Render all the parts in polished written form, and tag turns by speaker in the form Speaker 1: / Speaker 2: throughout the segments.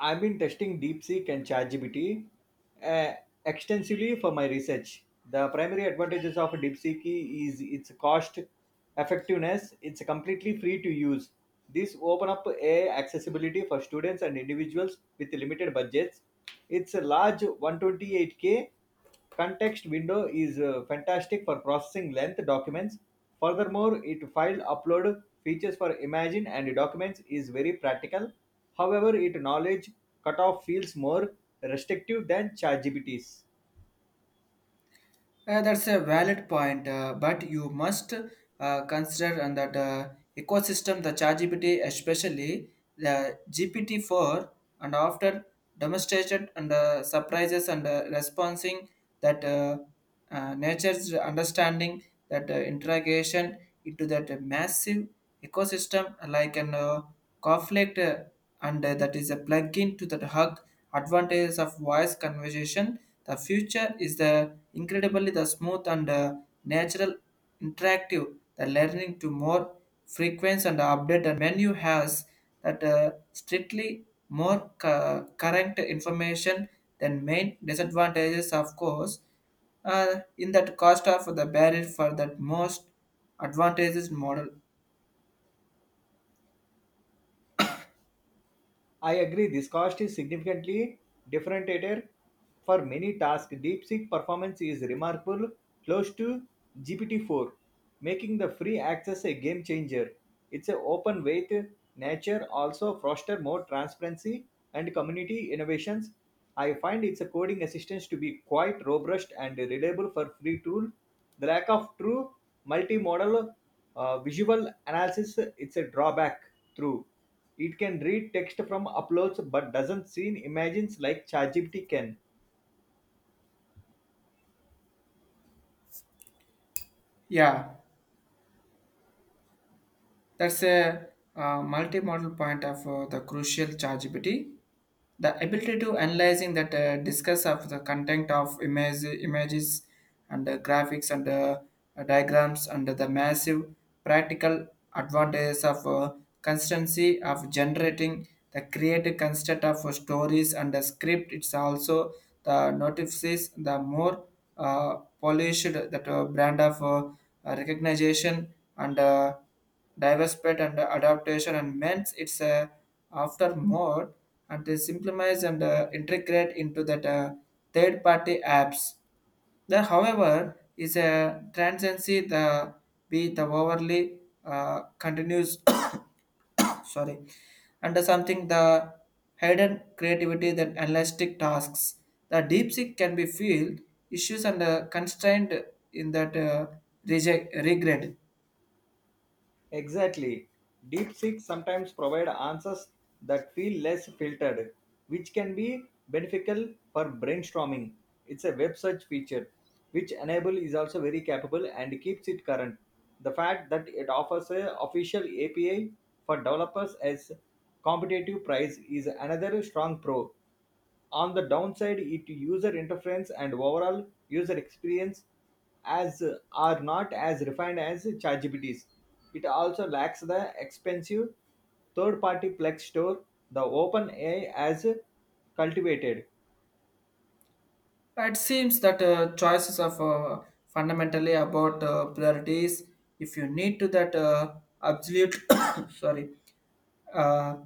Speaker 1: I've been testing DeepSeek and ChatGPT uh, extensively for my research. The primary advantages of DeepSeek is its cost effectiveness. It's completely free to use. This open up a accessibility for students and individuals with limited budgets. It's a large 128k Context window is fantastic for processing length documents. Furthermore, it file upload features for imagine and documents is very practical. However, it knowledge cutoff feels more restrictive than ChatGPT's.
Speaker 2: That's a valid point, but you must consider and that ecosystem, the ChatGPT, especially the GPT-4, and after demonstrated and surprises and responding that nature's understanding that integration into that massive ecosystem like an conflict and that is a plug-in to the hug advantages of voice conversation the future is the Incredibly, the smooth and natural interactive, the learning to more frequent and update and menu has that strictly more current information than main disadvantages, of course, in that cost of the barrier for that most advantages model.
Speaker 1: I agree, this cost is significantly differentiator for many tasks. DeepSeek performance is remarkable, close to GPT-4, making the free access a game changer. It's a open weight nature also foster more transparency and community innovations. I find its coding assistance to be quite robust and reliable for free tool. The lack of true multimodal visual analysis it's a drawback through. It can read text from uploads but doesn't see images like ChatGPT can.
Speaker 2: Yeah. That's a multi-modal point of the crucial chargeability. The ability to analyzing that discuss of the content of image, images and graphics and diagrams and the massive practical advantages of consistency of generating the creative construct of stories and the script. It's also the notices the more polished that brand of recognition and diversity and adaptation and means it's after mode, and they simplify and integrate into that third party apps. There, however, is a transcendency the be the overly continues sorry and something the hidden creativity that elastic tasks the deep seek can be filled issues and constrained in that reject regret.
Speaker 1: Exactly. DeepSeek sometimes provide answers that feel less filtered, which can be beneficial for brainstorming. It's a web search feature, which Enable is also very capable and keeps it current. The fact that it offers a official API for developers as competitive price is another strong pro. On the downside, it user interference and overall user experience as are not as refined as ChatGPT's. It also lacks the expensive third-party Plex store the OpenAI has cultivated.
Speaker 2: It seems that choices are fundamentally about priorities. If you need to that absolute sorry uh,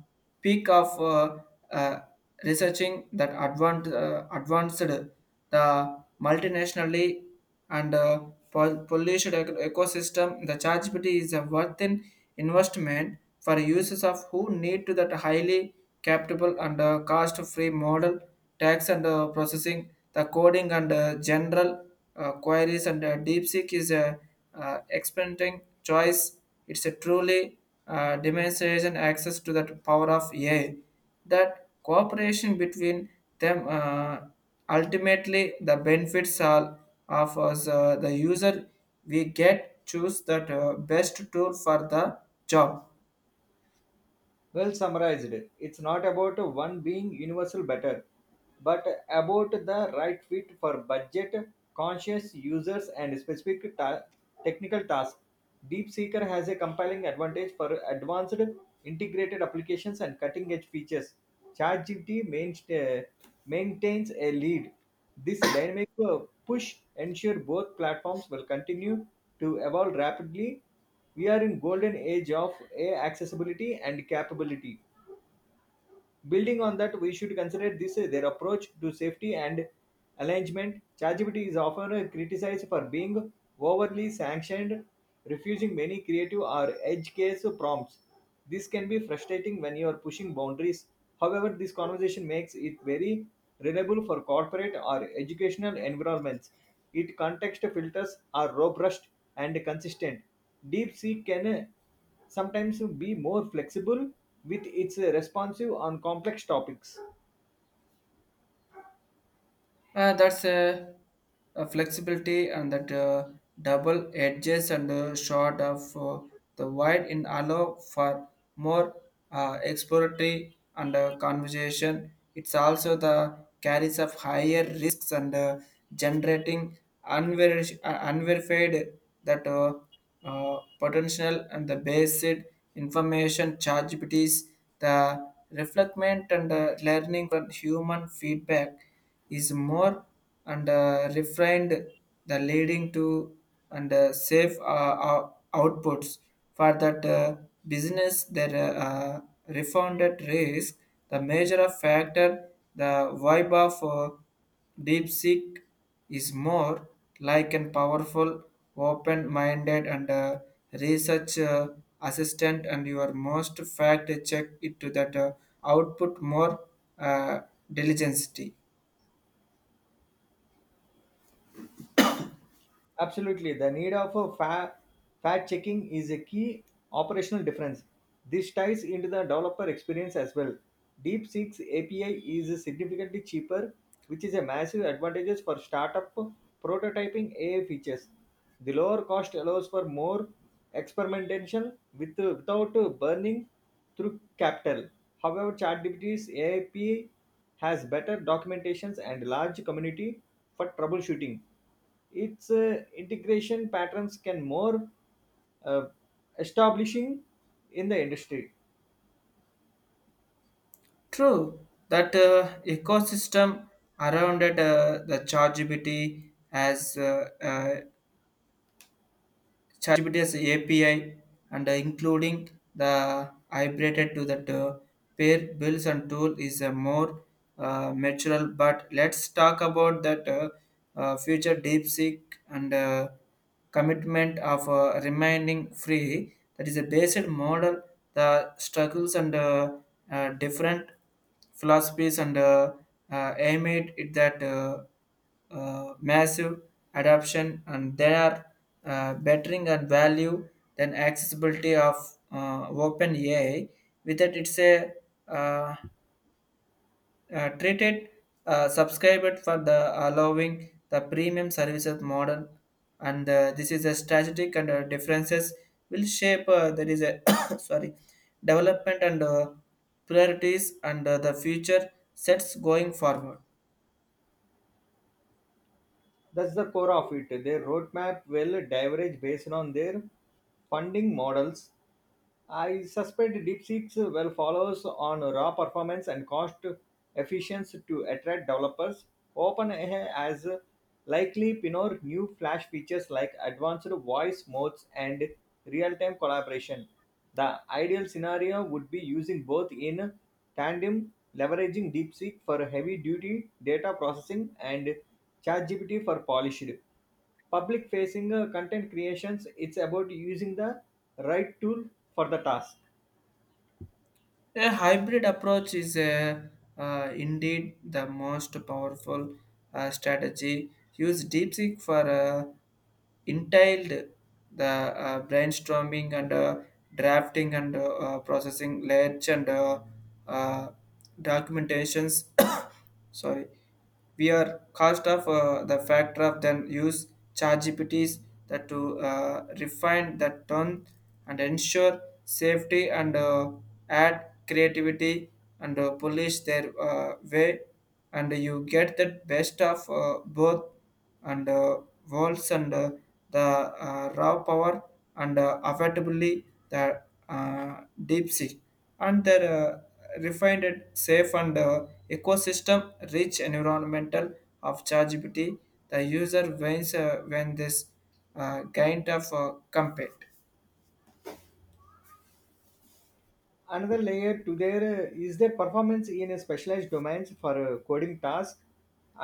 Speaker 2: peak of uh, researching that advanced the multinationally and polluted ecosystem, the ChatGPT is a worth in investment for users of who need to that highly capable and cost-free model, tax and processing, the coding and general queries and DeepSeek is a expanding choice. It's a truly demonstration access to that power of AI. That cooperation between them. Ultimately, the benefits are of us, the user. We get choose that best tool for the job.
Speaker 1: Well summarized, it's not about one being universal better, but about the right fit for budget conscious users and specific technical tasks. DeepSeeker has a compelling advantage for advanced integrated applications and cutting edge features. ChatGPT uh, maintains a lead. This dynamic push ensure both platforms will continue to evolve rapidly we are in golden age of A accessibility and capability. Building on that, we should consider this their approach to safety and alignment. ChatGPT is often criticized for being overly sanctioned, refusing many creative or edge case prompts. This can be frustrating when you are pushing boundaries. However, this conversation makes it very reliable for corporate or educational environments. Its context filters are robust and consistent. DeepSeek can sometimes be more flexible with its responsive on complex topics.
Speaker 2: That's a flexibility and that double edges and short of the wide in allow for more exploratory and conversation. It's also the carries of higher risks and generating unverified that potential and the basic information chargeabilities, the reflectment and learning from human feedback is more and refined the leading to and safe outputs for that business their refunded risk the major factor the vibe of deep seek is more like and powerful open minded and research assistant and your most fact check it to that output more uh, diligence.
Speaker 1: Absolutely. The need of a fact checking is a key operational difference. This ties into the developer experience as well. DeepSeek's API is significantly cheaper, which is a massive advantage for startup prototyping AI features. The lower cost allows for more experimentation with, without burning through capital. However, ChatGPT's API has better documentations and large community for troubleshooting its integration patterns can more uh, establishing in the industry.
Speaker 2: True, that ecosystem around it, the ChatGPT as API and including the hybrated to that pair bills and tool is a more mature. But let's talk about that future deep seek and commitment of remaining free. That is a basic model. The struggles and different philosophies and aimed at it that massive adoption and they are bettering and value than accessibility of open AI. With that, it's a uh, treated subscribed for the allowing the premium services model and this is a strategic and differences will shape there is a sorry development and priorities and the future sets going forward.
Speaker 1: That's the core of it. Their roadmap will diverge based on their funding models. I suspect DeepSeek's will follows on raw performance and cost efficiency to attract developers. OpenAI has likely pioneer new Flash features like advanced voice modes and real-time collaboration. The ideal scenario would be using both in tandem, leveraging DeepSeek for heavy-duty data processing and ChatGPT for polished public facing content creations it's about using the right tool for the task.
Speaker 2: A hybrid approach is indeed the most powerful strategy. Use DeepSeek for entailed the brainstorming and drafting and processing ledge and uh, documentations. Sorry we are cost of the factor of then use ChatGPTs that to refine that tone and ensure safety and add creativity and polish their way and you get the best of both and walls and the raw power and affordably the deep sea and their refined and safe and ecosystem rich environmental of ChatGPT the user wins when this kind of compete.
Speaker 1: Another layer to their is their performance in a specialized domains for coding tasks.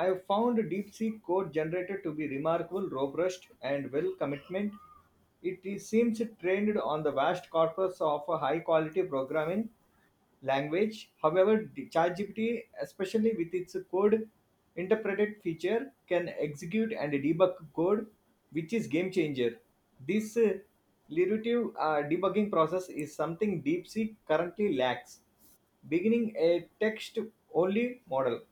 Speaker 1: I have found deepseek code generator to be remarkable robust and well commitment. It seems trained on the vast corpus of high quality programming language. However, the ChatGPT, especially with its code interpreted feature, can execute and debug code, which is game changer. This iterative debugging process is something DeepSeek currently lacks, beginning a text-only model.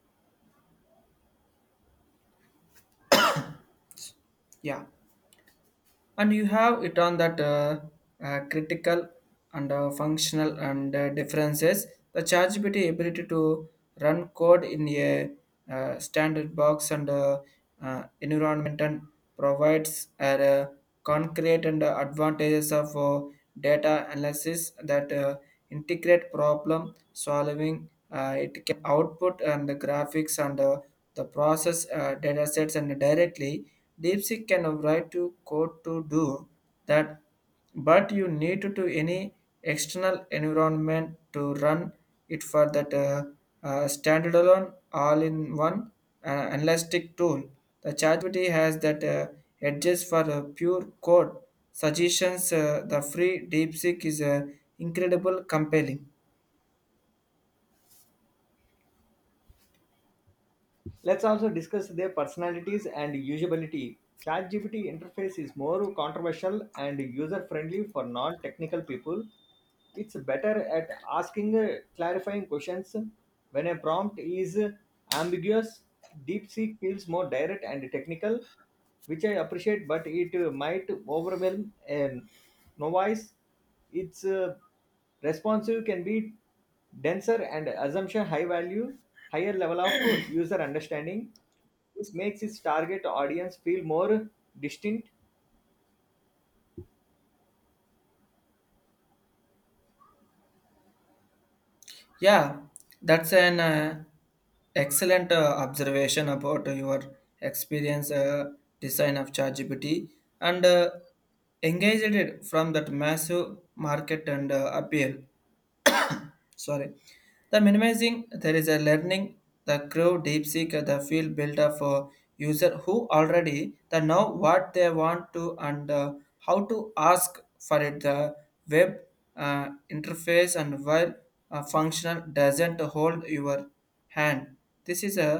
Speaker 2: Yeah and you have it on that critical and functional and differences the chargeability ability to run code in a standard box and environment and provides a concrete and advantages of data analysis that integrate problem solving it can output and the graphics and the process data sets and directly. Deepseek can write to code to do that, but you need to any external environment to run it for that standalone all-in-one uh, analytic tool. The ChatGPT has that edges for pure code suggestions. The free DeepSeek is incredible, compelling.
Speaker 1: Let's also discuss their personalities and usability. ChatGPT interface is more controversial and user friendly for non technical people. It's better at asking clarifying questions. When a prompt is ambiguous, DeepSeek feels more direct and technical, which I appreciate, but it might overwhelm a novice. It's Responsive can be denser and assumption high value, higher level of user understanding. This makes its target audience feel more distinct.
Speaker 2: Yeah, that's an excellent observation about your experience design of ChatGPT and engaged it from that massive market and appeal sorry the minimizing there is a learning the crew deep seek the field builder for user who already the know what they want to and how to ask for it the web interface and while functional doesn't hold your hand. This is a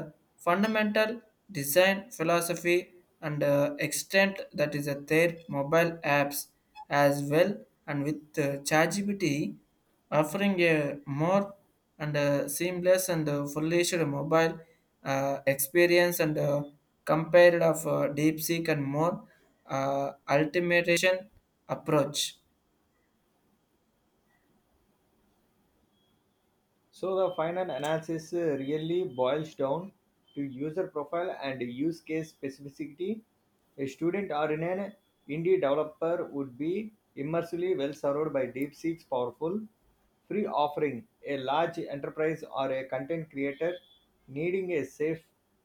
Speaker 2: fundamental design philosophy and extent that is their mobile apps as well and with ChatGPT offering a more and seamless and furnished mobile experience and compared of deep seek and more uh, ultimation approach
Speaker 1: So the final analysis really boils down to user profile and use case specificity. A student or an indie developer would be immersively well served by DeepSeek's powerful free offering. A large enterprise or a content creator needing a safe,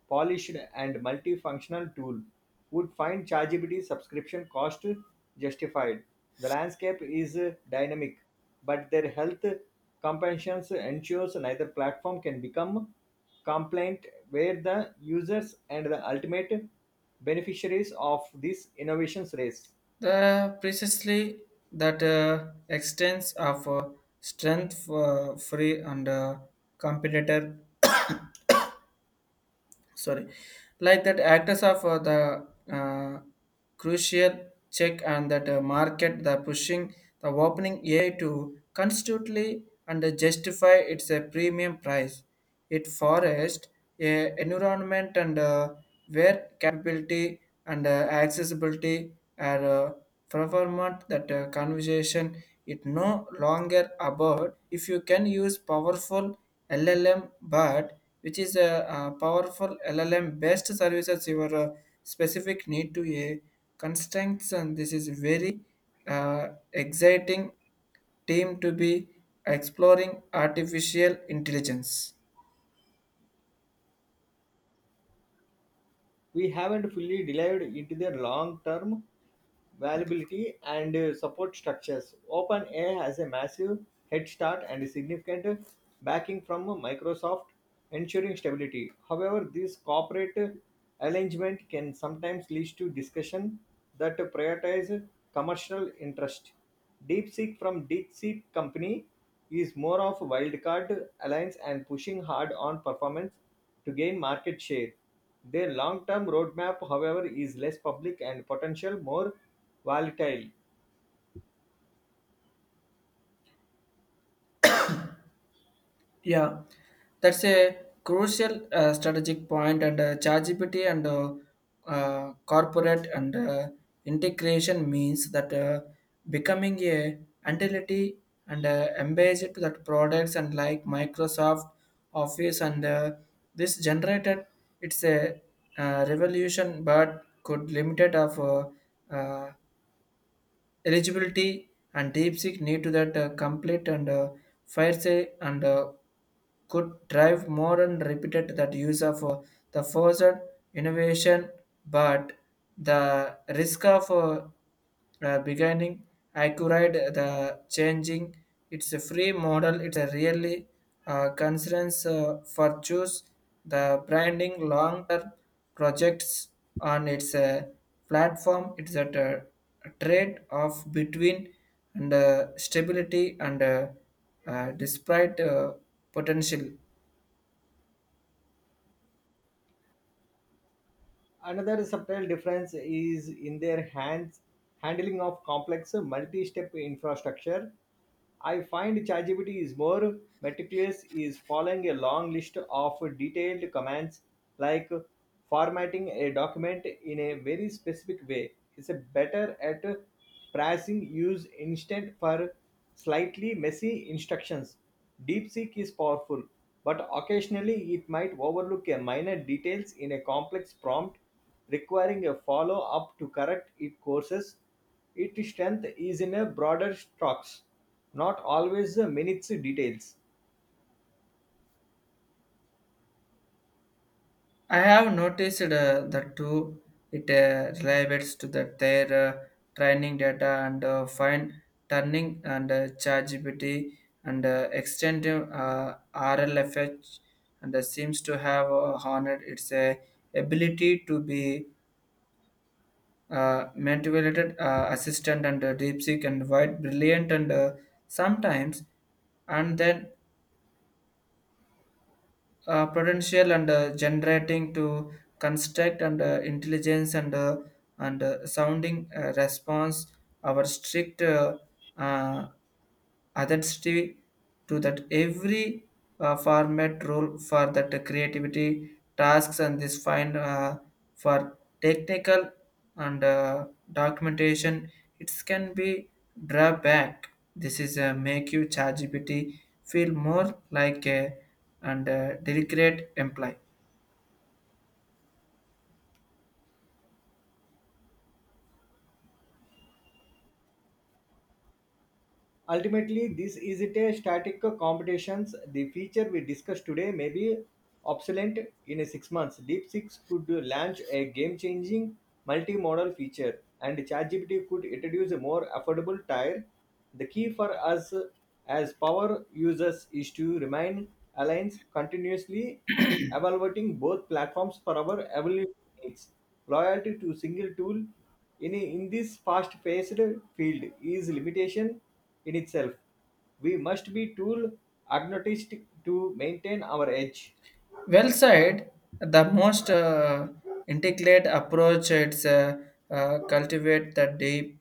Speaker 1: polished, and multifunctional tool would find ChatGPT subscription cost justified. The landscape is dynamic but their health compensations ensures neither platform can become compliant where the users and the ultimate beneficiaries of these innovations race.
Speaker 2: the precisely that extends of strength free and competitor sorry like that actors of the crucial check and that market the pushing the opening AI to constantly and justify its a premium price it forest a environment and where capability and accessibility are uh, Performant that conversation it no longer about if you can use powerful LLM, but which is a, powerful LLM best services your specific need to a constraints, and this is very exciting team to be exploring artificial intelligence.
Speaker 1: We haven't fully delved into their long-term viability and support structures. OpenAI has a massive head start and significant backing from Microsoft, ensuring stability. However, this corporate alignment can sometimes lead to discussion that prioritize commercial interest. DeepSeek from DeepSeek company is more of a wildcard alliance and pushing hard on performance to gain market share. Their long-term roadmap, however, is less public and potential more volatile.
Speaker 2: Yeah, that's a crucial strategic point, and ChatGPT and corporate and integration means that becoming a entity and embedded to that products and like Microsoft Office and this generated it's a revolution, but could limited of uh, eligibility and DeepSeek need to that complete and fire say and could drive more and repeated that use of the forced innovation, but the risk of beginning accurate the changing. It's a free model. It's a really concerns for choose the branding long term projects on its platform. It's at trade off between and stability and despite potential.
Speaker 1: Another subtle difference is in their hands handling of complex multi-step infrastructure. I find ChatGPT is more meticulous, is following a long list of detailed commands like formatting a document in a very specific way. It's better at pricing use instant for slightly messy instructions. DeepSeek is powerful, but occasionally it might overlook a minor details in a complex prompt requiring a follow-up to correct its courses. Its strength is in a broader strokes, not always the minutes details.
Speaker 2: I have noticed that too. It relates to the their training data and fine turning and ChatGPT and extensive RLFH and seems to have honored its ability to be motivated assistant and deep seek and white brilliant and sometimes and then potential and generating to construct and intelligence and sounding response our strict uh, authenticity to that every format rule for that creativity tasks and this find for technical and documentation it can be drawback this is a make you ChatGPT feel more like a and a deliberate employee.
Speaker 1: Ultimately, this isn't a static competitions. The feature we discussed today may be obsolete in a 6 months. Deep Six could launch a game-changing multimodal feature, and ChatGPT could introduce a more affordable tier. The key for us as power users is to remain aligned, continuously evaluating both platforms for our evolution needs. Loyalty to single tool in this fast paced field is limitation in itself. We must be tool agnostic to maintain our edge.
Speaker 2: Well said. The most integrate approach it's cultivate the deep,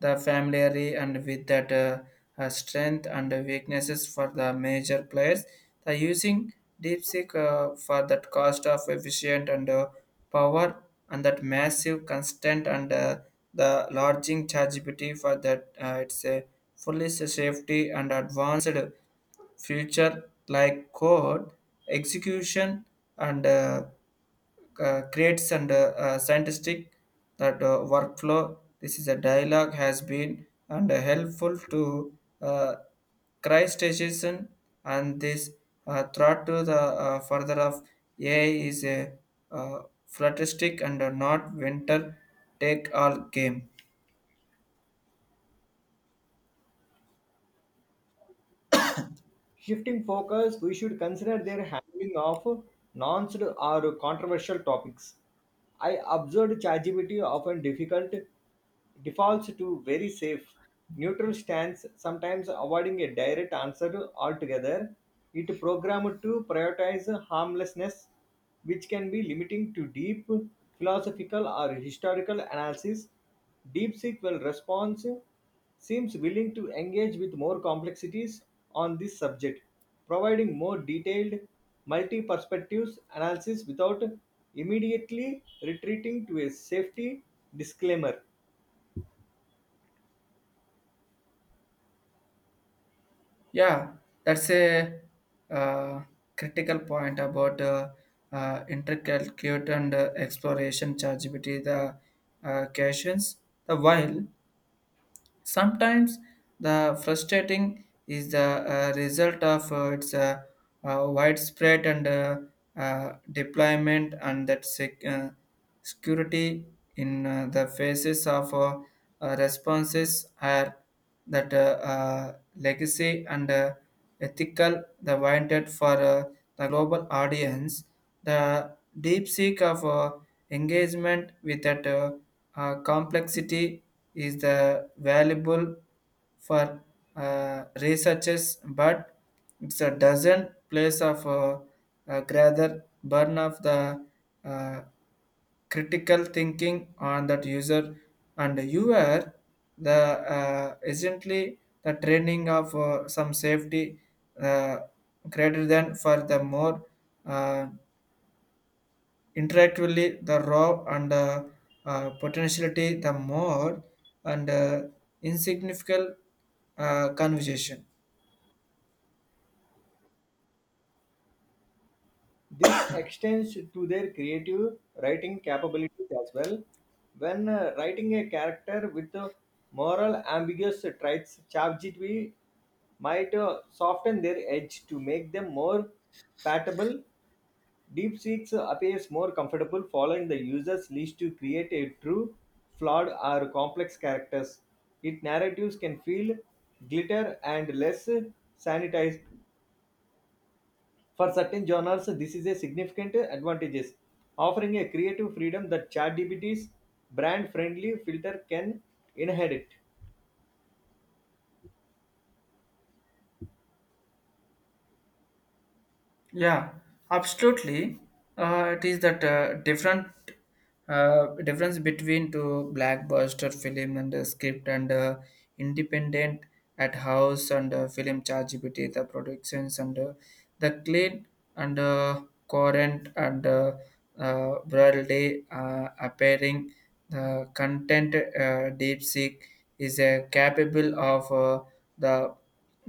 Speaker 2: the familiarity, and with that strength and weaknesses for the major players. The using DeepSeek for that cost of efficient and power and that massive constant and the lodging chargeability for that it's a fully safety and advanced future like code execution and creates and scientific that workflow. This is a dialogue has been and helpful to Christization and this threat to the further of AI is a uh, futuristic and not winter take all game.
Speaker 1: Shifting focus, we should consider their handling of nuanced or controversial topics. I observed ChatGPT often difficult defaults to very safe, neutral stance, sometimes avoiding a direct answer altogether. It programmed to prioritize harmlessness, which can be limiting to deep philosophical or historical analysis. DeepSeek will respond seems willing to engage with more complexities on this subject, providing more detailed, multi perspectives analysis without immediately retreating to a safety disclaimer.
Speaker 2: Yeah, that's a uh, critical point about intricate and exploration chargeability the questions. The while sometimes the frustrating is the result of its widespread and deployment and that security in the faces of responses are that legacy and ethical the wanted for the global audience the deep seek of engagement with that complexity is the valuable for researchers, but it's a not place of rather burn of the uh, critical thinking on that user, and you are the essentially the training of some safety uh, greater than for the more uh, interactively the raw and potentiality the more and insignificant conversation.
Speaker 1: This extends to their creative writing capabilities as well. When writing a character with moral ambiguous traits, ChatGPT might soften their edge to make them more palatable. DeepSeek appears more comfortable following the user's leads to create a true, flawed, or complex characters. Its narratives can feel glitter and less sanitized. For certain genres, this is a significant advantage, offering a creative freedom that ChatGPT's brand-friendly filter can inherit.
Speaker 2: Yeah, absolutely. It is that different difference between to blockbuster film and script and independent at house and film charge the productions and the clean, and Corinth and Bralde appearing the content. DeepSeek is capable of the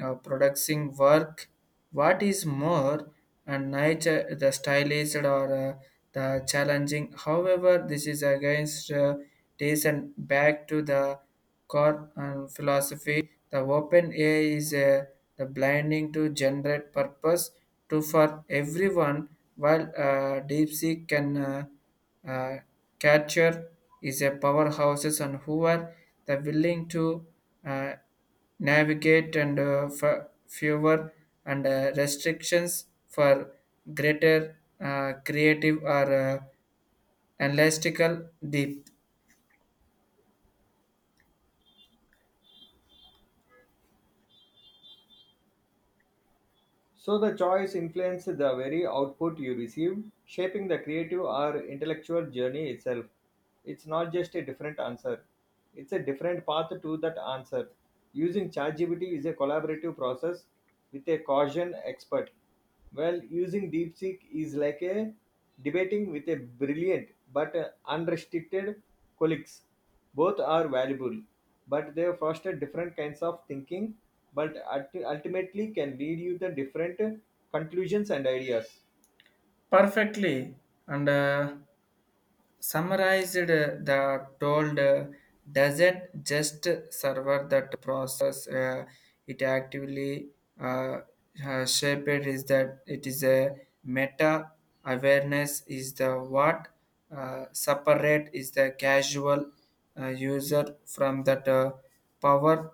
Speaker 2: producing work. What is more, and nature the stylized or the challenging. However, this is against taste and back to the core and philosophy the open AI is a the blinding to generate purpose to for everyone, while DeepSeek can uh, capture is a powerhouses and who are the willing to uh, navigate and fewer and restrictions for greater creative or analytical deep
Speaker 1: So the choice influences the very output you receive, shaping the creative or intellectual journey itself. It's not just a different answer, it's a different path to that answer. Using ChatGPT is a collaborative process with a Gaussian expert. Well, using DeepSeek is like a debating with a brilliant but unrestricted colleagues. Both are valuable, but they foster different kinds of thinking, but ultimately can lead you to different conclusions and ideas.
Speaker 2: perfectly and. Summarized the told doesn't just serve that process, it actively uh, shaped is that it is a meta awareness is the what separate is the casual user from that power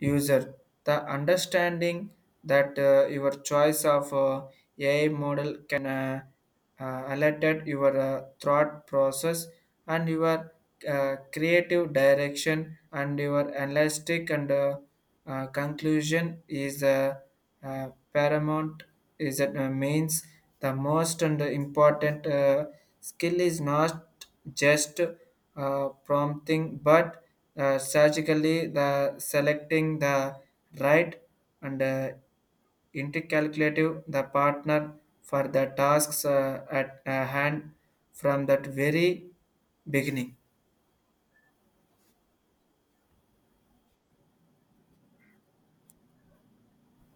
Speaker 2: user. The understanding that your choice of AI model can alerted your thought process and your creative direction and your analytic and conclusion is paramount is that means the most and important skill is not just prompting but surgically the selecting the right and intercalculative the partner for the tasks at hand from that very beginning.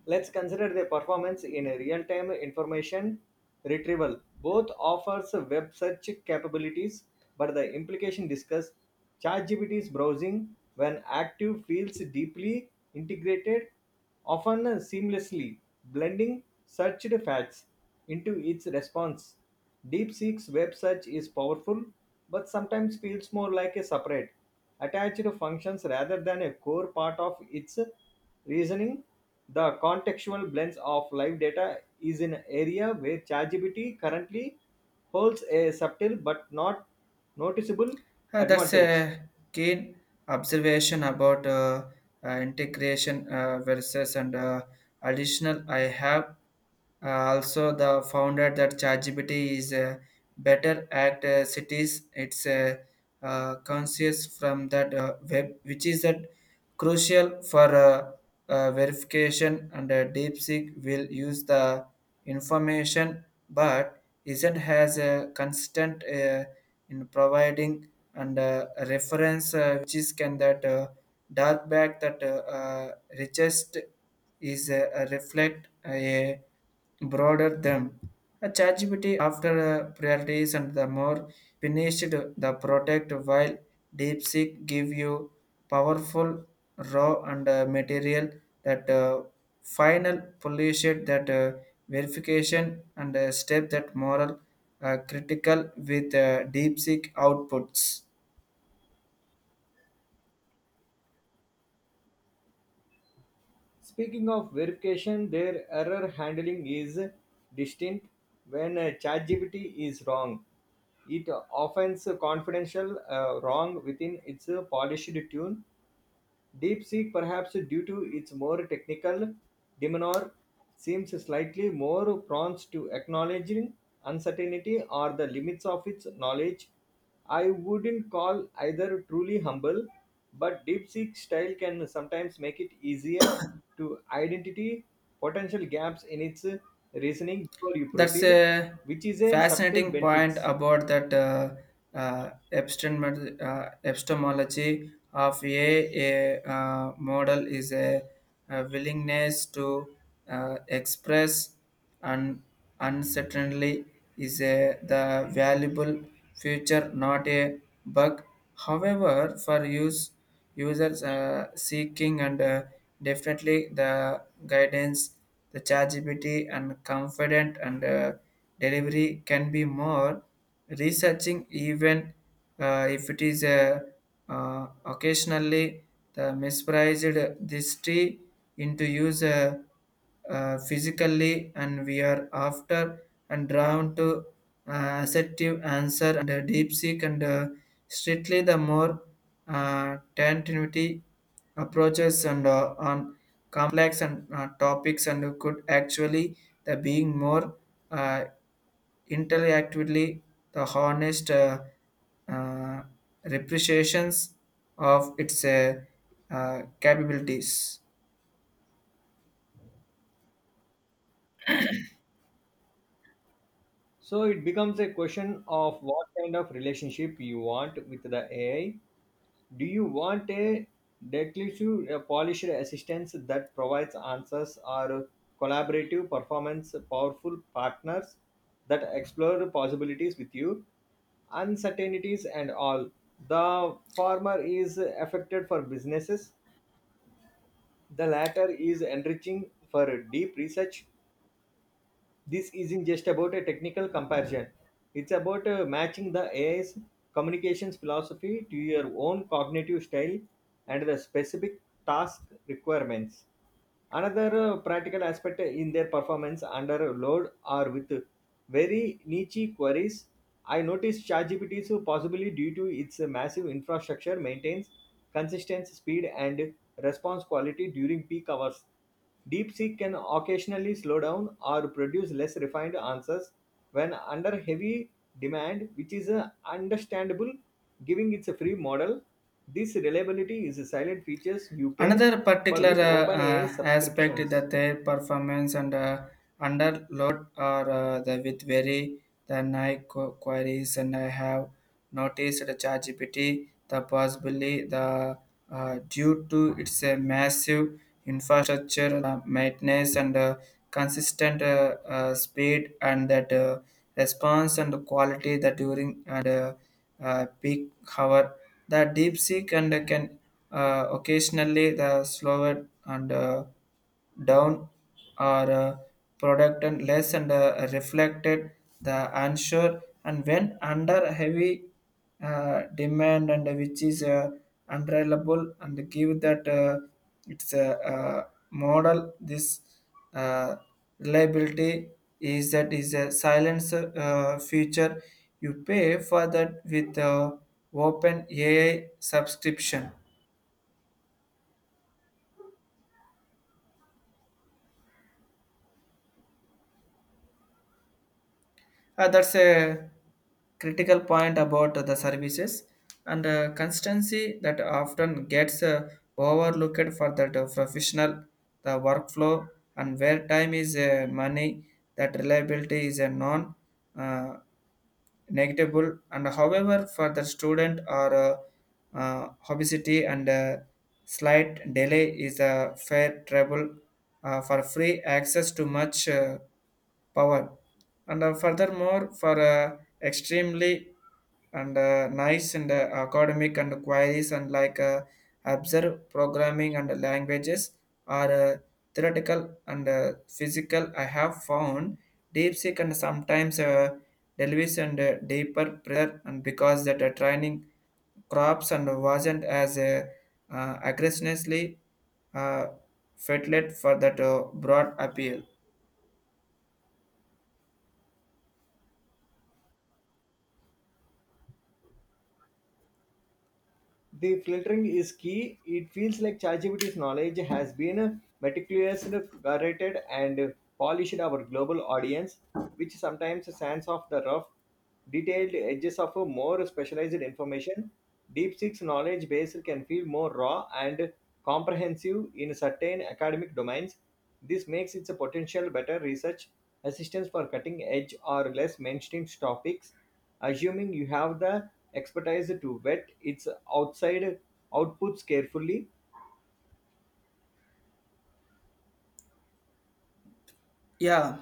Speaker 1: Let's consider the performance in real-time information retrieval. Both offers web search capabilities, but the implication discussed ChatGPT's browsing when active feels deeply integrated, often seamlessly blending searched facts into its response. DeepSeek's web search is powerful, but sometimes feels more like a separate attached functions rather than a core part of its reasoning. The contextual blends of live data is an area where ChatGPT currently holds a subtle but not noticeable
Speaker 2: That's
Speaker 1: advantage.
Speaker 2: a keen observation about integration versus and additional. I have also the founder that ChatGPT is a better at cities. It's a conscious from that web, which is that crucial for verification, and DeepSeek will use the information, but isn't has a constant in providing and reference which is can that dark back that uh, richest is a reflect a broader them a ChatGPT after priorities and the more finished the product, while DeepSeek give you powerful raw and material that final polish it that verification and step that moral critical with DeepSeek outputs.
Speaker 1: Speaking of verification, their error handling is distinct. When ChatGPT is wrong, it offends confidential wrong within its polished tune. DeepSeek, perhaps due to its more technical demeanor, seems slightly more prone to acknowledging uncertainty or the limits of its knowledge. I wouldn't call either truly humble, but DeepSeek style can sometimes make it easier to identify potential gaps in its reasoning before you
Speaker 2: That's
Speaker 1: proceed,
Speaker 2: a
Speaker 1: which is a subtle
Speaker 2: fascinating point
Speaker 1: benefits.
Speaker 2: about that epistem- epistemology of a model is a willingness to express and uncertainly is a, the valuable future, not a bug. However, for use. Users are seeking and definitely the guidance, the chargeability and confident and delivery can be more researching even if it is occasionally the misprized this tree into user physically, and we are after and drawn to assertive answer, and deep seek and strictly the more continuity approaches and on complex and topics and could actually the being more uh, interactively the honest uh, representations of its capabilities.
Speaker 1: So it becomes a question of what kind of relationship you want with the AI. Do you want a declarative, a polished assistance that provides answers, or collaborative performance, powerful partners that explore possibilities with you, uncertainties, and all? The former is affected for businesses, the latter is enriching for deep research this isn't just about a technical comparison, it's about matching the AI's communications philosophy to your own cognitive style and the specific task requirements. Another practical aspect in their performance under load or with very niche queries, I noticed ChatGPT possibly due to its massive infrastructure maintains consistent speed and response quality during peak hours DeepSeek can occasionally slow down or produce less refined answers when under heavy demand, which is understandable giving its a free model. This reliability is a silent features you pay
Speaker 2: Another
Speaker 1: for
Speaker 2: particular
Speaker 1: with OpenAI
Speaker 2: aspect is
Speaker 1: subscriptions.
Speaker 2: that their performance and under load are the with very the queries, and I have noticed the ChatGPT the possibly the due to its a massive infrastructure maintenance and consistent speed and that response and quality that during and peak hour. The deep sea and can occasionally the slower and down or product and less and reflected the answer and when under heavy demand and which is unreliable and give that it's a, uh model, this uh, reliability is that is a silence feature you pay for that with open ai subscription that's a critical point about the services and consistency that often gets overlooked for that professional the workflow and where time is money that reliability is a non uh, negligible and however for the student or obesity and slight delay is a fair trouble for free access to much power and furthermore for extremely and nice and academic and queries and like observe programming and languages are theoretical and physical I have found deep and sometimes delves and deeper prayer and because that training crops and wasn't as aggressively uh, fatlet for that broad appeal
Speaker 1: The filtering is key. It feels like ChatGPT's knowledge has been meticulously curated and polished our global audience, which sometimes sands off the rough, detailed edges of a more specialized information. DeepSeek's knowledge base can feel more raw and comprehensive in certain academic domains. This makes it a potential better research assistance for cutting edge or less mainstream topics. Assuming you have the expertise to vet its outside outputs carefully,
Speaker 2: Yeah,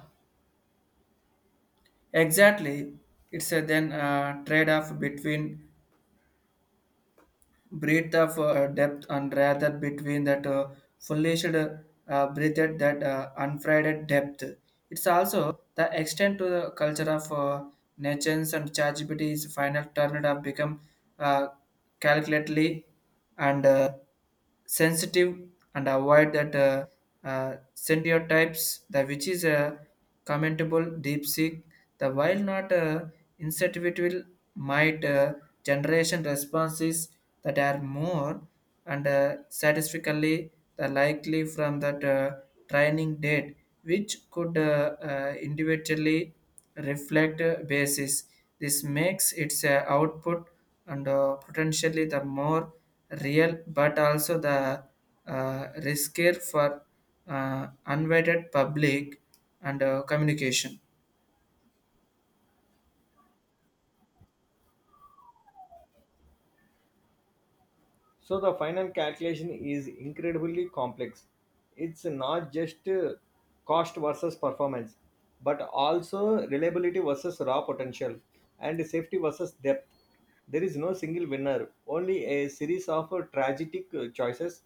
Speaker 2: Exactly. It's a then trade-off between breadth of depth and rather between that fullest breadth that unfried depth. It's also the extent to the culture of nations and ChatGPT is final turned have become uh, calculatedly and sensitive and avoid that stereotypes, the which is a commendable deep seek. The while not insensitive might generation responses that are more and statistically the likely from that training date which could individually reflect basis this makes its output and potentially the more real but also the uh, riskier for unvetted public and communication
Speaker 1: so the final calculation is incredibly complex. It's not just cost versus performance, but also reliability versus raw potential and safety versus depth. There is no single winner, only a series of tragic choices.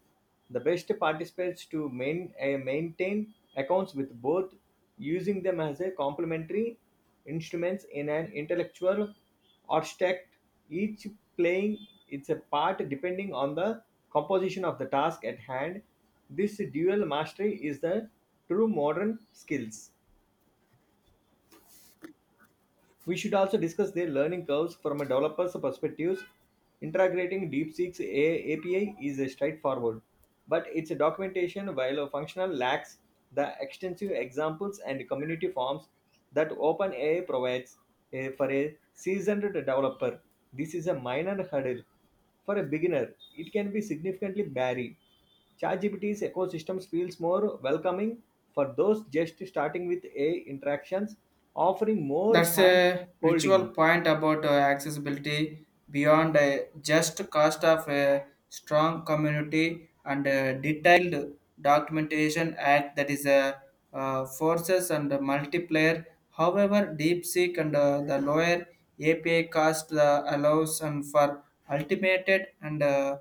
Speaker 1: The best participants to maintain accounts with both, using them as a complementary instruments in an intellectual abstract, each playing its a part depending on the composition of the task at hand. This dual mastery is the true modern skills. We should also discuss their learning curves from a developer's perspective. Integrating DeepSeek's API is a straightforward, but its documentation, while a functional, lacks the extensive examples and community forms that OpenAI provides for a seasoned developer. This is a minor hurdle. For a beginner, it can be significantly barrier. ChatGPT's ecosystems feels more welcoming for those just starting with AI interactions, offering more
Speaker 2: That's
Speaker 1: hand
Speaker 2: a ritual
Speaker 1: holding.
Speaker 2: point about accessibility beyond just cost of a strong community and detailed documentation act that is a forces and multiplayer. However, DeepSeek and the lower API cost allows and for ultimated and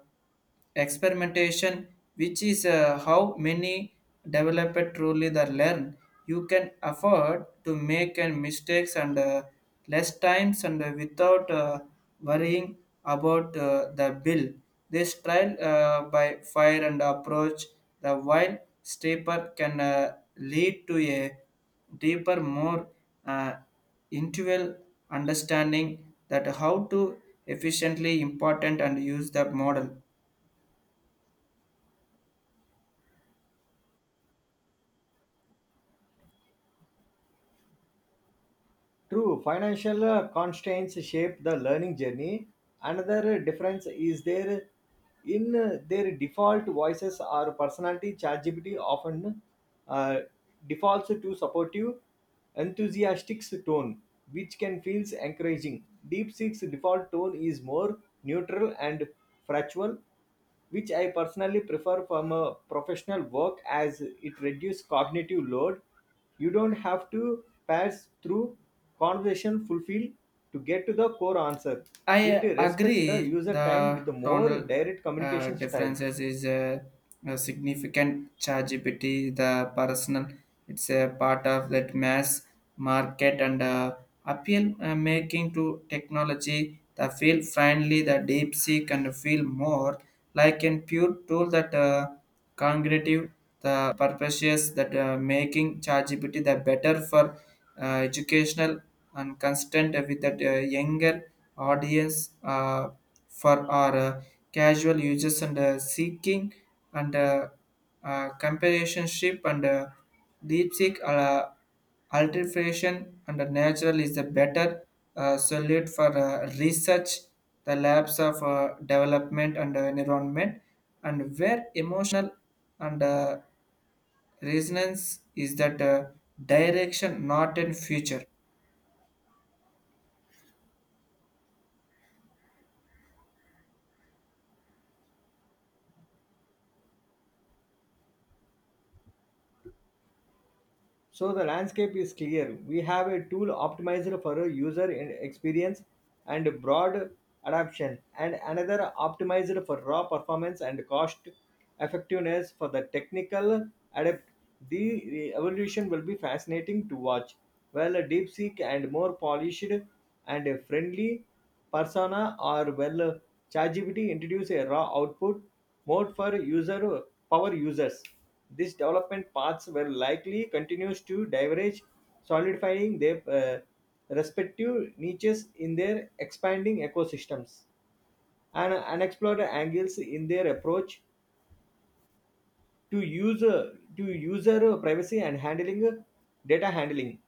Speaker 2: experimentation which is how many developers truly the learn you can afford to make and mistakes and less times and without worrying about the bill this trial by fire and approach the wild stepper can lead to a deeper more uh, intuitive understanding that how to efficiently important and use the model
Speaker 1: True, financial constraints shape the learning journey. Another difference is there in their default voices or personality. ChatGPT often uh, defaults to supportive, enthusiastic tone, which can feel encouraging. DeepSeek's default tone is more neutral and factual, which I personally prefer from a professional work as it reduces cognitive load. You don't have to pass through conversation fulfill to get to the core answer.
Speaker 2: I
Speaker 1: It respects the
Speaker 2: agree
Speaker 1: user time with
Speaker 2: the
Speaker 1: a more
Speaker 2: tonal
Speaker 1: direct communication style.
Speaker 2: differences is a significant ChatGPT, the personal. It's a part of that mass market and appeal making to technology. The feel friendly, the deep seek and feel more like a pure tool that cognitive the purposes that making ChatGPT the better for educational and constant with that younger audience for our casual users and seeking and comparationship and DeepSeek. Alteration and the natural is the better solute for research, the labs of development and environment, and where emotional and resonance is that direction, not in future.
Speaker 1: So the landscape is clear. We have a tool optimized for a experience and broad adoption, and another optimized for raw performance and cost effectiveness for the technical adept. The evolution will be fascinating to watch. Well, a deep seek and more polished and a friendly persona or well ChatGPT introduce a raw output mode for user power users. These development paths were likely continues to diverge, solidifying their respective niches in their expanding ecosystems and unexplored angles in their approach to user privacy and handling data handling.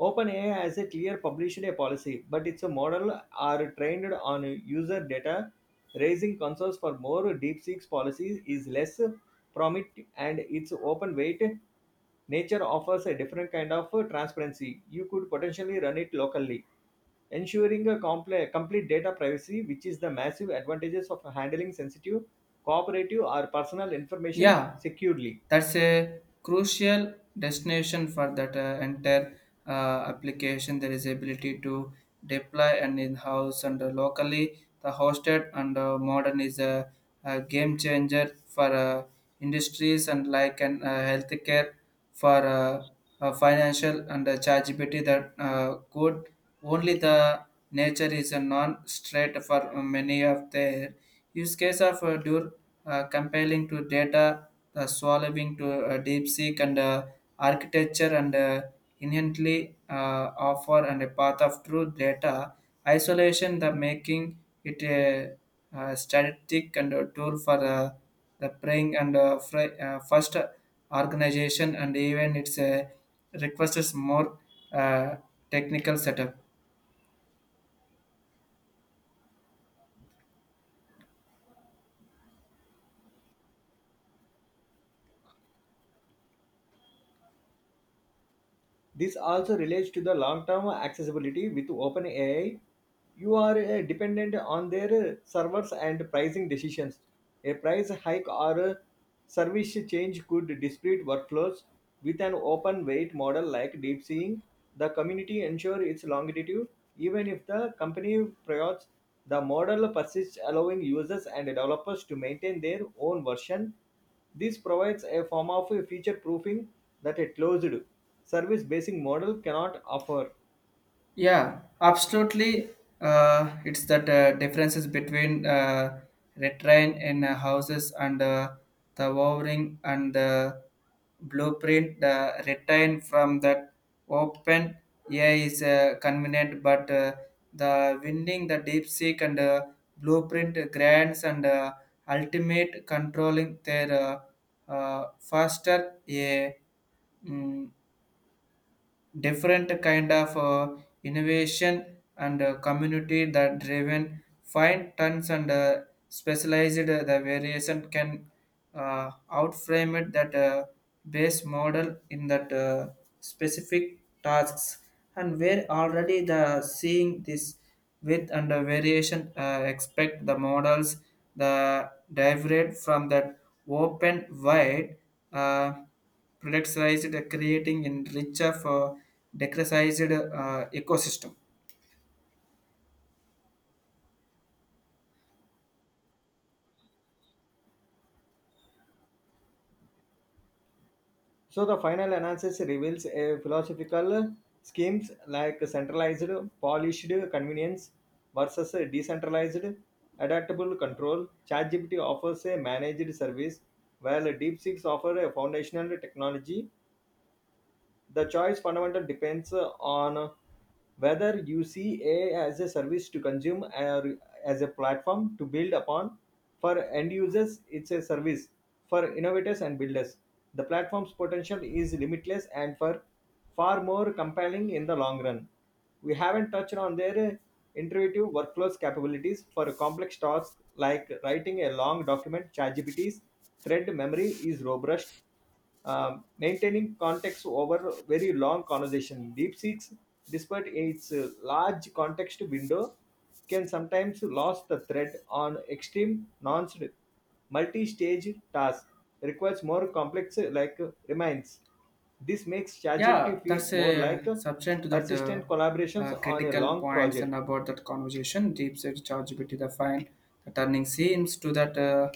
Speaker 1: OpenAI has a clear published a policy, but its model are trained on user data, raising concerns for more DeepSeek's seeks policies is less prominent and its open weight nature offers a different kind of transparency. You could potentially run it locally, ensuring a complete data privacy, which is the massive advantages of handling sensitive, cooperative, or personal information
Speaker 2: Yeah,
Speaker 1: securely.
Speaker 2: That's a crucial destination for that entire uh, application. There is ability to deploy and in-house and locally. The hosted and modern is a game changer for industries and like and healthcare for financial and chargeability that good. Only the nature is a non-straight for many of their Use case of dur compiling to data, swallowing to deep seek and architecture and inherently offer and a path of true data isolation, the making it a, static and a tool for the praying and fri- first organization and even it's a requires more uh, technical setup.
Speaker 1: This also relates to the long-term accessibility with OpenAI. You are dependent on their servers and pricing decisions. A price hike or a service change could disparate workflows. With an open weight model like DeepSeek, the community ensure its longevity even if the company priors the model persists allowing users and developers to maintain their own version. This provides a form of future-proofing that a closed, service-based model cannot offer.
Speaker 2: Yeah, absolutely. It's that differences between retrain in houses and the wiring and the blueprint. The retrain from that open air is convenient, but the winding, the deep seek and blueprint grants and ultimate controlling their faster a different kind of innovation and community that driven fine tons and specialized the variation can outframe it that base model in that specific tasks and where already the seeing this with and the variation expect the models the derived from that open wide uh, productized, creating in richer for decresized ecosystem.
Speaker 1: So the final analysis reveals a philosophical schemes like centralized, polished convenience versus decentralized, adaptable control. ChatGPT offers a managed service, while DeepSeek offers a foundational technology. The choice fundamental depends on whether you see a as a service to consume or as a platform to build upon. For end users it's a service. For innovators and builders the platform's potential is limitless and for far more compelling in the long run. We haven't touched on their intuitive workflows capabilities for complex tasks like writing a long document. ChatGPT's thread memory is robust, maintaining context over very long conversation. DeepSeeks, despite its large context window, can sometimes lose the thread on extreme non multi-stage task requires more complex like reminds. This makes
Speaker 2: Yeah,
Speaker 1: ChatGPT
Speaker 2: that's
Speaker 1: feels more like
Speaker 2: a subject to that
Speaker 1: persistent collaborations on a
Speaker 2: critical
Speaker 1: long
Speaker 2: points and
Speaker 1: project.
Speaker 2: about that conversation. Deep search ChatGPT the find the turning seems to that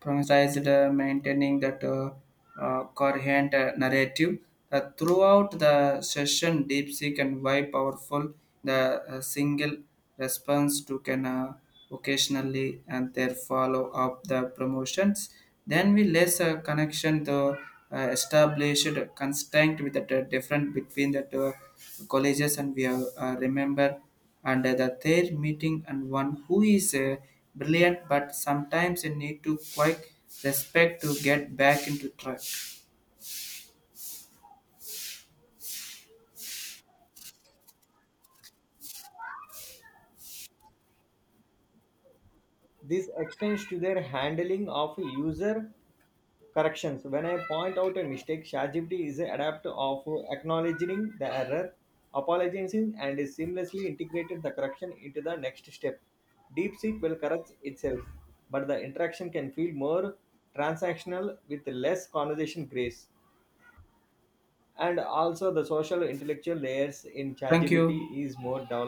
Speaker 2: productized, maintaining that coherent narrative. That throughout the session, deep DeepSeek and why powerful the single response to can. Occasionally and their follow up the promotions. Then we less a connection the established constraint with the d- different between the two colleges and we have, remember and the their meeting and one who is brilliant but sometimes you need to quite respect to get back into track.
Speaker 1: This extends to their handling of user corrections. When I point out a mistake, ChatGPT is adept of acknowledging the error, apologizing, and seamlessly integrated the correction into the next step. DeepSeek will correct itself, but the interaction can feel more transactional with less conversation grace. And also, the social intellectual layers in
Speaker 2: Thank you.
Speaker 1: ChatGPT is more developed,